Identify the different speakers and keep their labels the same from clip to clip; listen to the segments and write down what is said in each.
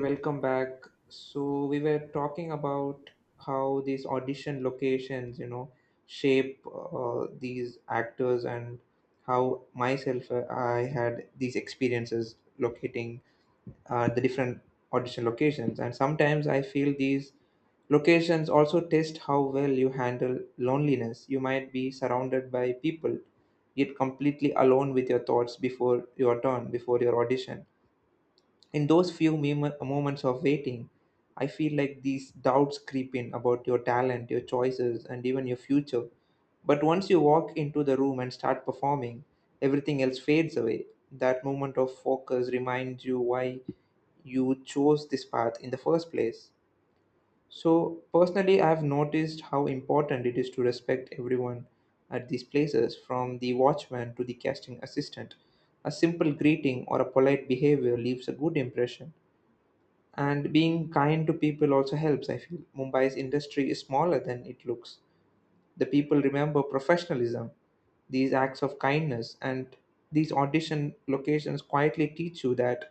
Speaker 1: Welcome back. So we were talking about how these audition locations, you know, shape these actors and how myself, I had these experiences locating the different audition locations. And sometimes I feel these locations also test how well you handle loneliness. You might be surrounded by people, yet completely alone with your thoughts before your turn, before your audition in those few moments of waiting, I feel like these doubts creep in about your talent, your choices, and even your future. But once you walk into the room and start performing, everything else fades away. That moment of focus reminds you why you chose this path in the first place. So, personally, I've noticed how important it is to respect everyone at these places, from the watchman to the casting assistant. A simple greeting or a polite behavior leaves a good impression, and being kind to people also helps. I feel Mumbai's industry is smaller than it looks. The people remember professionalism, these acts of kindness, and these audition locations quietly teach you that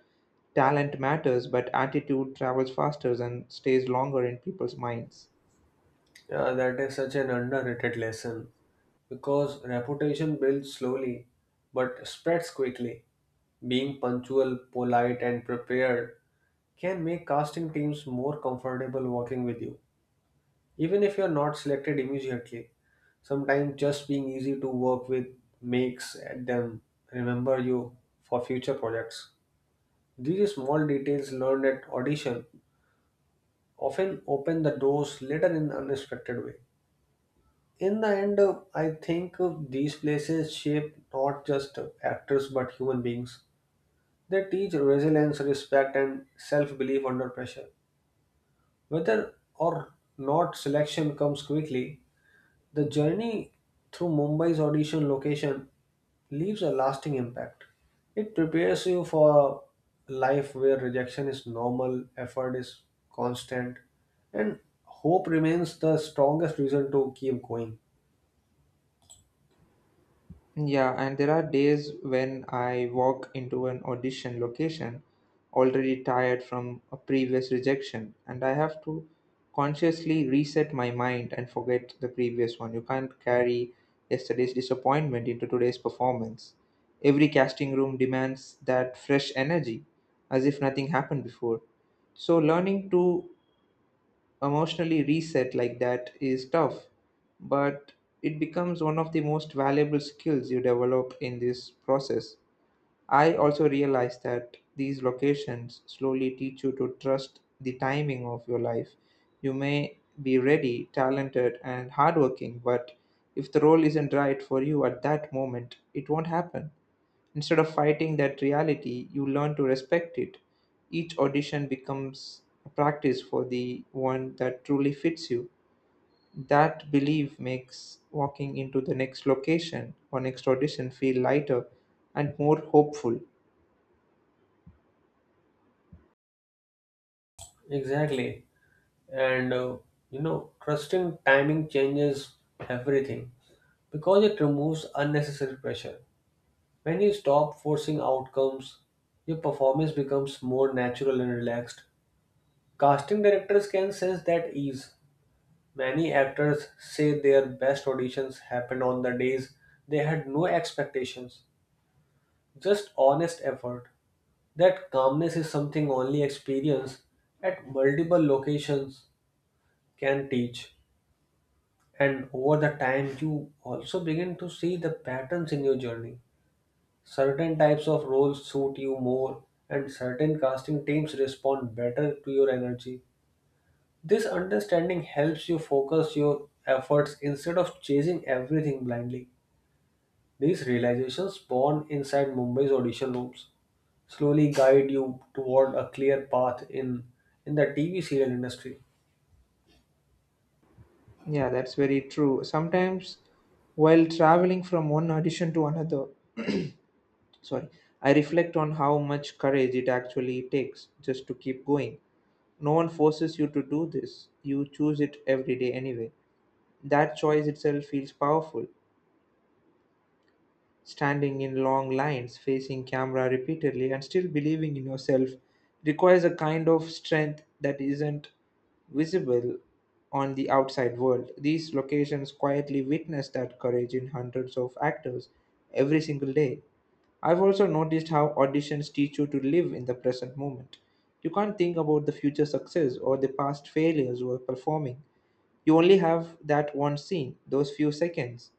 Speaker 1: talent matters, but attitude travels faster and stays longer in people's minds.
Speaker 2: Yeah, that is such an underrated lesson because reputation builds slowly but spreads quickly. Being punctual, polite, and prepared can make casting teams more comfortable working with you, even if you're not selected immediately. Sometimes just being easy to work with makes them remember you for future projects. These small details learned at audition often open the doors later in an unexpected way. In the end, I think, these places shape not just, actors but human beings. They teach resilience, respect, and self-belief under pressure. Whether or not selection comes quickly, the journey through Mumbai's audition location leaves a lasting impact. It prepares you for a life where rejection is normal, effort is constant, and hope remains the strongest reason to keep going.
Speaker 1: Yeah, and there are days when I walk into an audition location already tired from a previous rejection, and I have to consciously reset my mind and forget the previous one. You can't carry yesterday's disappointment into today's performance. Every casting room demands that fresh energy, as if nothing happened before. So, learning to emotionally reset like that is tough, but it becomes one of the most valuable skills you develop in this process. I also realized that these locations slowly teach you to trust the timing of your life. You may be ready, talented, and hardworking, but if the role isn't right for you at that moment, it won't happen. Instead of fighting that reality, you learn to respect it. Each audition becomes a practice for the one that truly fits you. That belief makes walking into the next location or next audition feel lighter and more hopeful.
Speaker 2: Exactly. And you know, trusting timing changes everything, because it removes unnecessary pressure. When you stop forcing outcomes, your performance becomes more natural and relaxed. Casting directors can sense that ease. Many actors say their best auditions happened on the days they had no expectations, just honest effort. That calmness is something only experience at multiple locations can teach. And over the time, you also begin to see the patterns in your journey. Certain types of roles suit you more, and certain casting teams respond better to your energy. This understanding helps you focus your efforts instead of chasing everything blindly. These realizations born inside Mumbai's audition rooms slowly guide you toward a clear path in the TV serial industry.
Speaker 1: Yeah, that's very true. Sometimes while traveling from one audition to another, sorry, I reflect on how much courage it actually takes just to keep going. No one forces you to do this, you choose it every day anyway. That choice itself feels powerful. Standing in long lines, facing camera repeatedly, and still believing in yourself requires a kind of strength that isn't visible on the outside world. These locations quietly witness that courage in hundreds of actors every single day. I've also noticed how auditions teach you to live in the present moment. You can't think about the future success or the past failures while performing. You only have that one scene, those few seconds.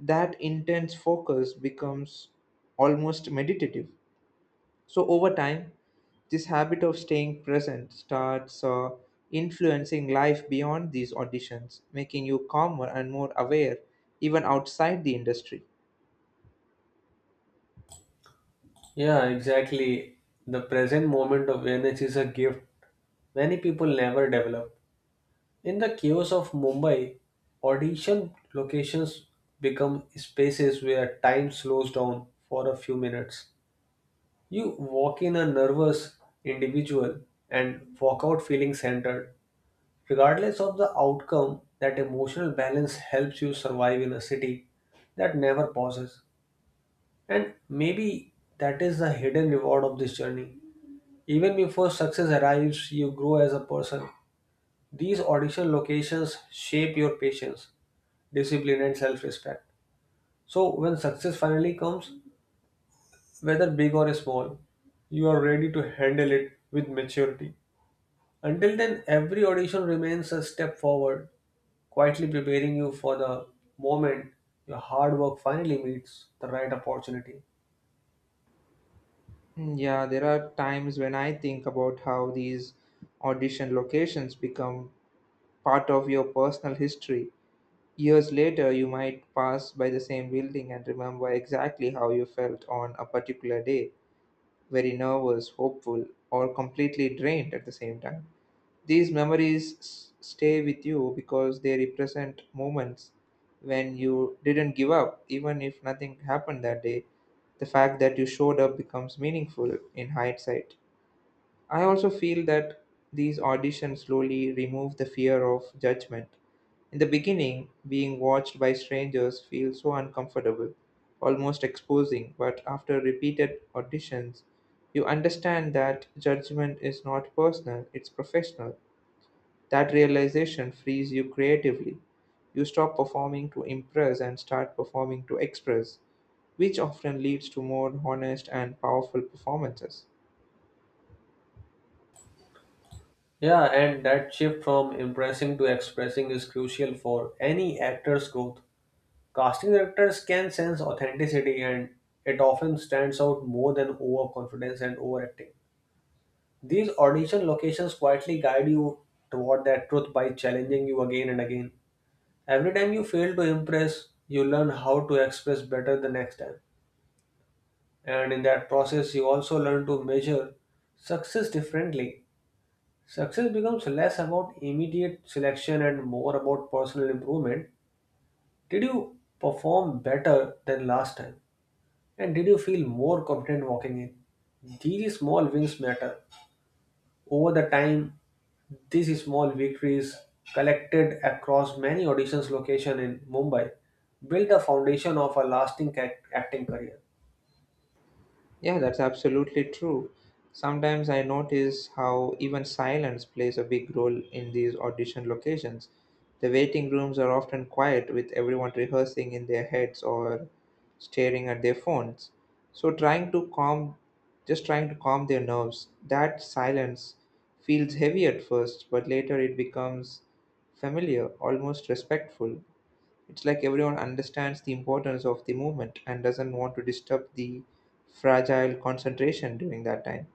Speaker 1: That intense focus becomes almost meditative. So, over time, this habit of staying present starts influencing life beyond these auditions, making you calmer and more aware even outside the industry.
Speaker 2: Yeah, exactly. The present moment of awareness is a gift many people never develop. In the chaos of Mumbai, audition locations become spaces where time slows down for a few minutes. You walk in a nervous individual and walk out feeling centered. Regardless of the outcome, that emotional balance helps you survive in a city that never pauses. And maybe that is the hidden reward of this journey. Even before success arrives, you grow as a person. These audition locations shape your patience, discipline, and self respect. So, when success finally comes, whether big or small, you are ready to handle it with maturity. Until then, every audition remains a step forward, quietly preparing you for the moment your hard work finally meets the right opportunity.
Speaker 1: Mm, yeah, there are times when I think about how these audition locations become part of your personal history. Years later, you might pass by the same building and remember exactly how you felt on a particular day, very nervous, hopeful, or completely drained at the same time. These stay with you because they represent moments when you didn't give up, even if nothing happened that day. The fact that you showed up becomes meaningful in hindsight. I also feel that these auditions slowly remove the fear of judgment. In the beginning, being watched by strangers feels so uncomfortable, almost exposing, but after repeated auditions, you understand that judgment is not personal, it's professional. That realization frees you creatively. You stop performing to impress and start performing to express, which often leads to more honest and powerful performances.
Speaker 2: Yeah, and that shift from impressing to expressing is crucial for any actor's growth. Casting directors can sense authenticity, and it often stands out more than overconfidence and overacting. These audition locations quietly guide you toward that truth by challenging you again and again. Every time you fail to impress, you learn how to express better the next time. And in that process, you also learn to measure success differently. Success becomes less about immediate selection and more about personal improvement. Did you perform better than last time? And did you feel more confident walking in? These small wins matter. Over the time, these small victories collected across many auditions locations in Mumbai built the foundation of a lasting acting career.
Speaker 1: Yeah, that's absolutely true. Sometimes I notice how even silence plays a big role in these audition locations. The waiting rooms are often quiet, with everyone rehearsing in their heads or staring at their phones. So trying to calm just trying to calm their nerves. That silence feels heavy at first, but later it becomes familiar, almost respectful. It's like everyone understands the importance of the movement and doesn't want to disturb the fragile concentration during that time.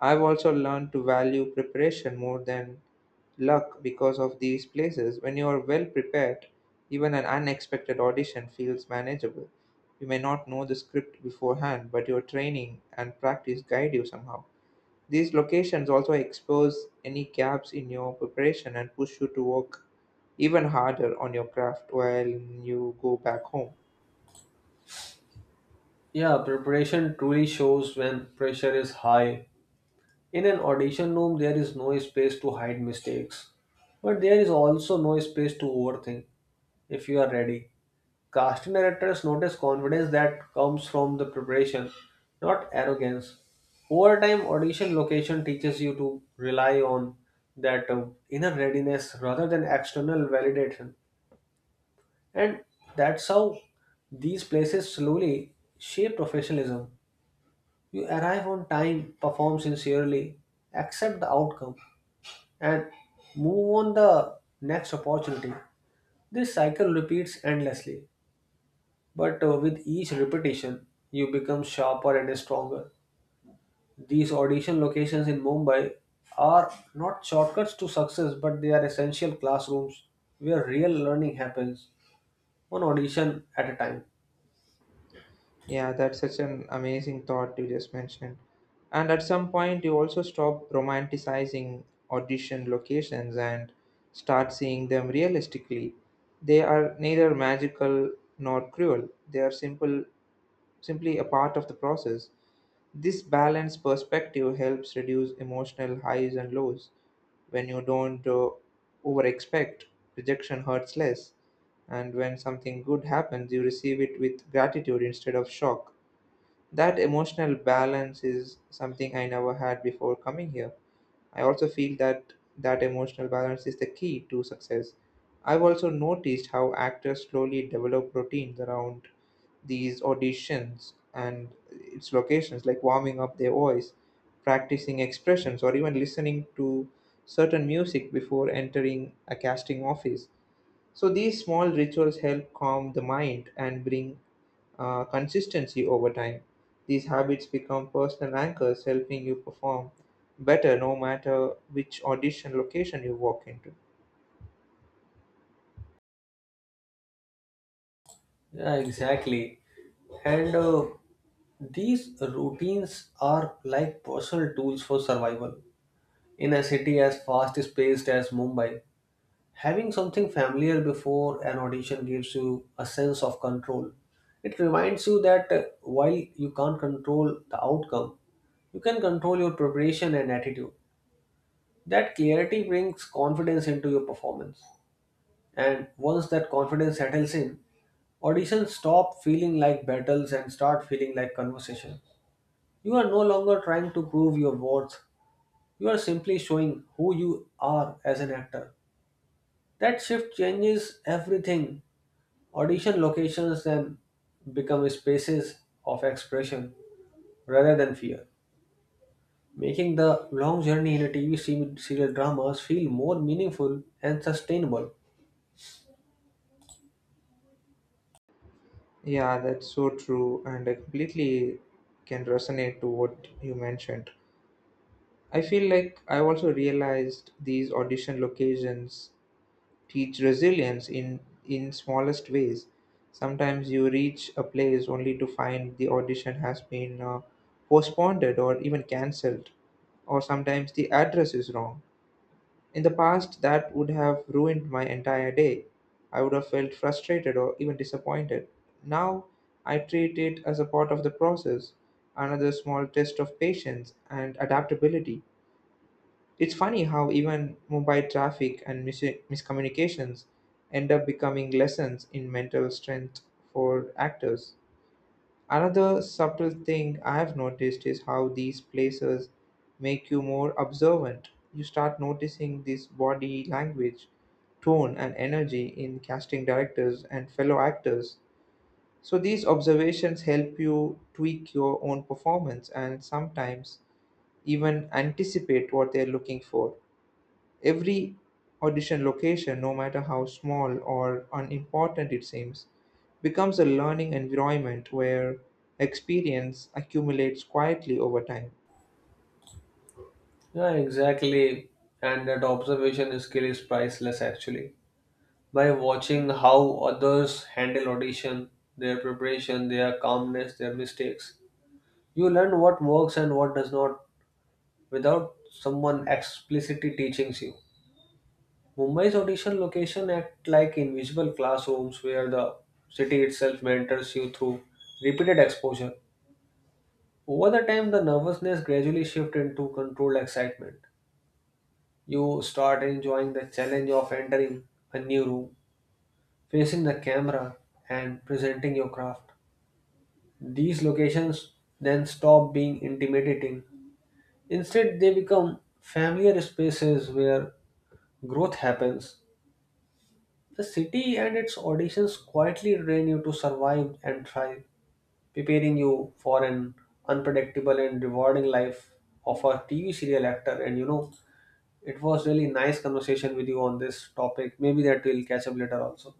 Speaker 1: I've also learned to value preparation more than luck because of these places. When you are well prepared, even an unexpected audition feels manageable. You may not know the script beforehand, but your training and practice guide you somehow. These locations also expose any gaps in your preparation and push you to work even harder on your craft while you go back home.
Speaker 2: Yeah, preparation truly shows when pressure is high. In an audition room, there is no space to hide mistakes, but there is also no space to overthink if you are ready. Cast directors notice confidence that comes from the preparation, not arrogance. Over time, audition location teaches you to rely on that, inner readiness rather than external validation. And that's how these places slowly shape professionalism. You arrive on time, perform sincerely, accept the outcome, and move on the next opportunity. This cycle repeats endlessly. But with each repetition, you become sharper and stronger. These audition locations in Mumbai are not shortcuts to success, but they are essential classrooms where real learning happens, one audition at a time.
Speaker 1: Yeah, that's such an amazing thought you just mentioned. And at some point, you also stop romanticizing audition locations and start seeing them realistically. They are neither magical nor cruel, they are simple simply a part of the process. This balanced perspective helps reduce emotional highs and lows. When you don't overexpect, rejection hurts less. And when something good happens, you receive it with gratitude instead of shock. That emotional balance is something I never had before coming here. I also feel that that emotional balance is the key to success. I've also noticed how actors slowly develop routines around these auditions and its locations, like warming up their voice, practicing expressions, or even listening to certain music before entering a casting office. So these small rituals help calm the mind and bring consistency over time. These habits become personal anchors, helping you perform better no matter which audition location you walk into.
Speaker 2: Yeah, exactly. And these routines are like personal tools for survival. In a city as fast paced as Mumbai, having something familiar before an audition gives you a sense of control. It reminds you that, while you can't control the outcome, you can control your preparation and attitude. That clarity brings confidence into your performance. And once that confidence settles in, auditions stop feeling like battles and start feeling like conversations. You are no longer trying to prove your worth, you are simply showing who you are as an actor. That shift changes everything. Audition locations then become spaces of expression rather than fear, making the long journey in a TV serial dramas feel more meaningful and sustainable.
Speaker 1: Yeah, that's so true, and I completely can resonate to what you mentioned. I feel like I also realized these audition locations teach resilience in smallest ways. Sometimes you reach a place only to find the audition has been postponed or even cancelled, or sometimes the address is wrong. In the past, that would have ruined my entire day. I would have felt frustrated or even disappointed. Now, I treat it as a part of the process, another small test of patience and adaptability. It's funny how even mobile traffic and miscommunications end up becoming lessons in mental strength for actors. Another subtle thing I have noticed is how these places make you more observant. You start noticing this body language, tone, and energy in casting directors and fellow actors. So these observations help you tweak your own performance and sometimes even anticipate what they're looking for. Every audition location, no matter how small or unimportant it seems, becomes a learning environment where experience accumulates quietly over time.
Speaker 2: Yeah, exactly. And that observation skill is priceless actually. By watching how others handle audition, their preparation, their calmness, their mistakes, you learn what works and what does not without someone explicitly teaching you. Mumbai's audition location act like invisible classrooms where the city itself mentors you through repeated exposure. Over the time, the nervousness gradually shifts into controlled excitement. You start enjoying the challenge of entering a new room, facing the camera, and presenting your craft. These locations then stop being intimidating. Instead, they become familiar spaces where growth happens. The city and its auditions quietly train you to survive and thrive, preparing you for an unpredictable and rewarding life of a TV serial actor. And you know, it was really nice conversation with you on this topic. Maybe that we'll catch up later also.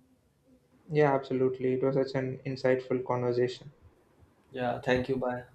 Speaker 1: Yeah, absolutely. It was such an insightful conversation.
Speaker 2: Yeah, thank you. Bye.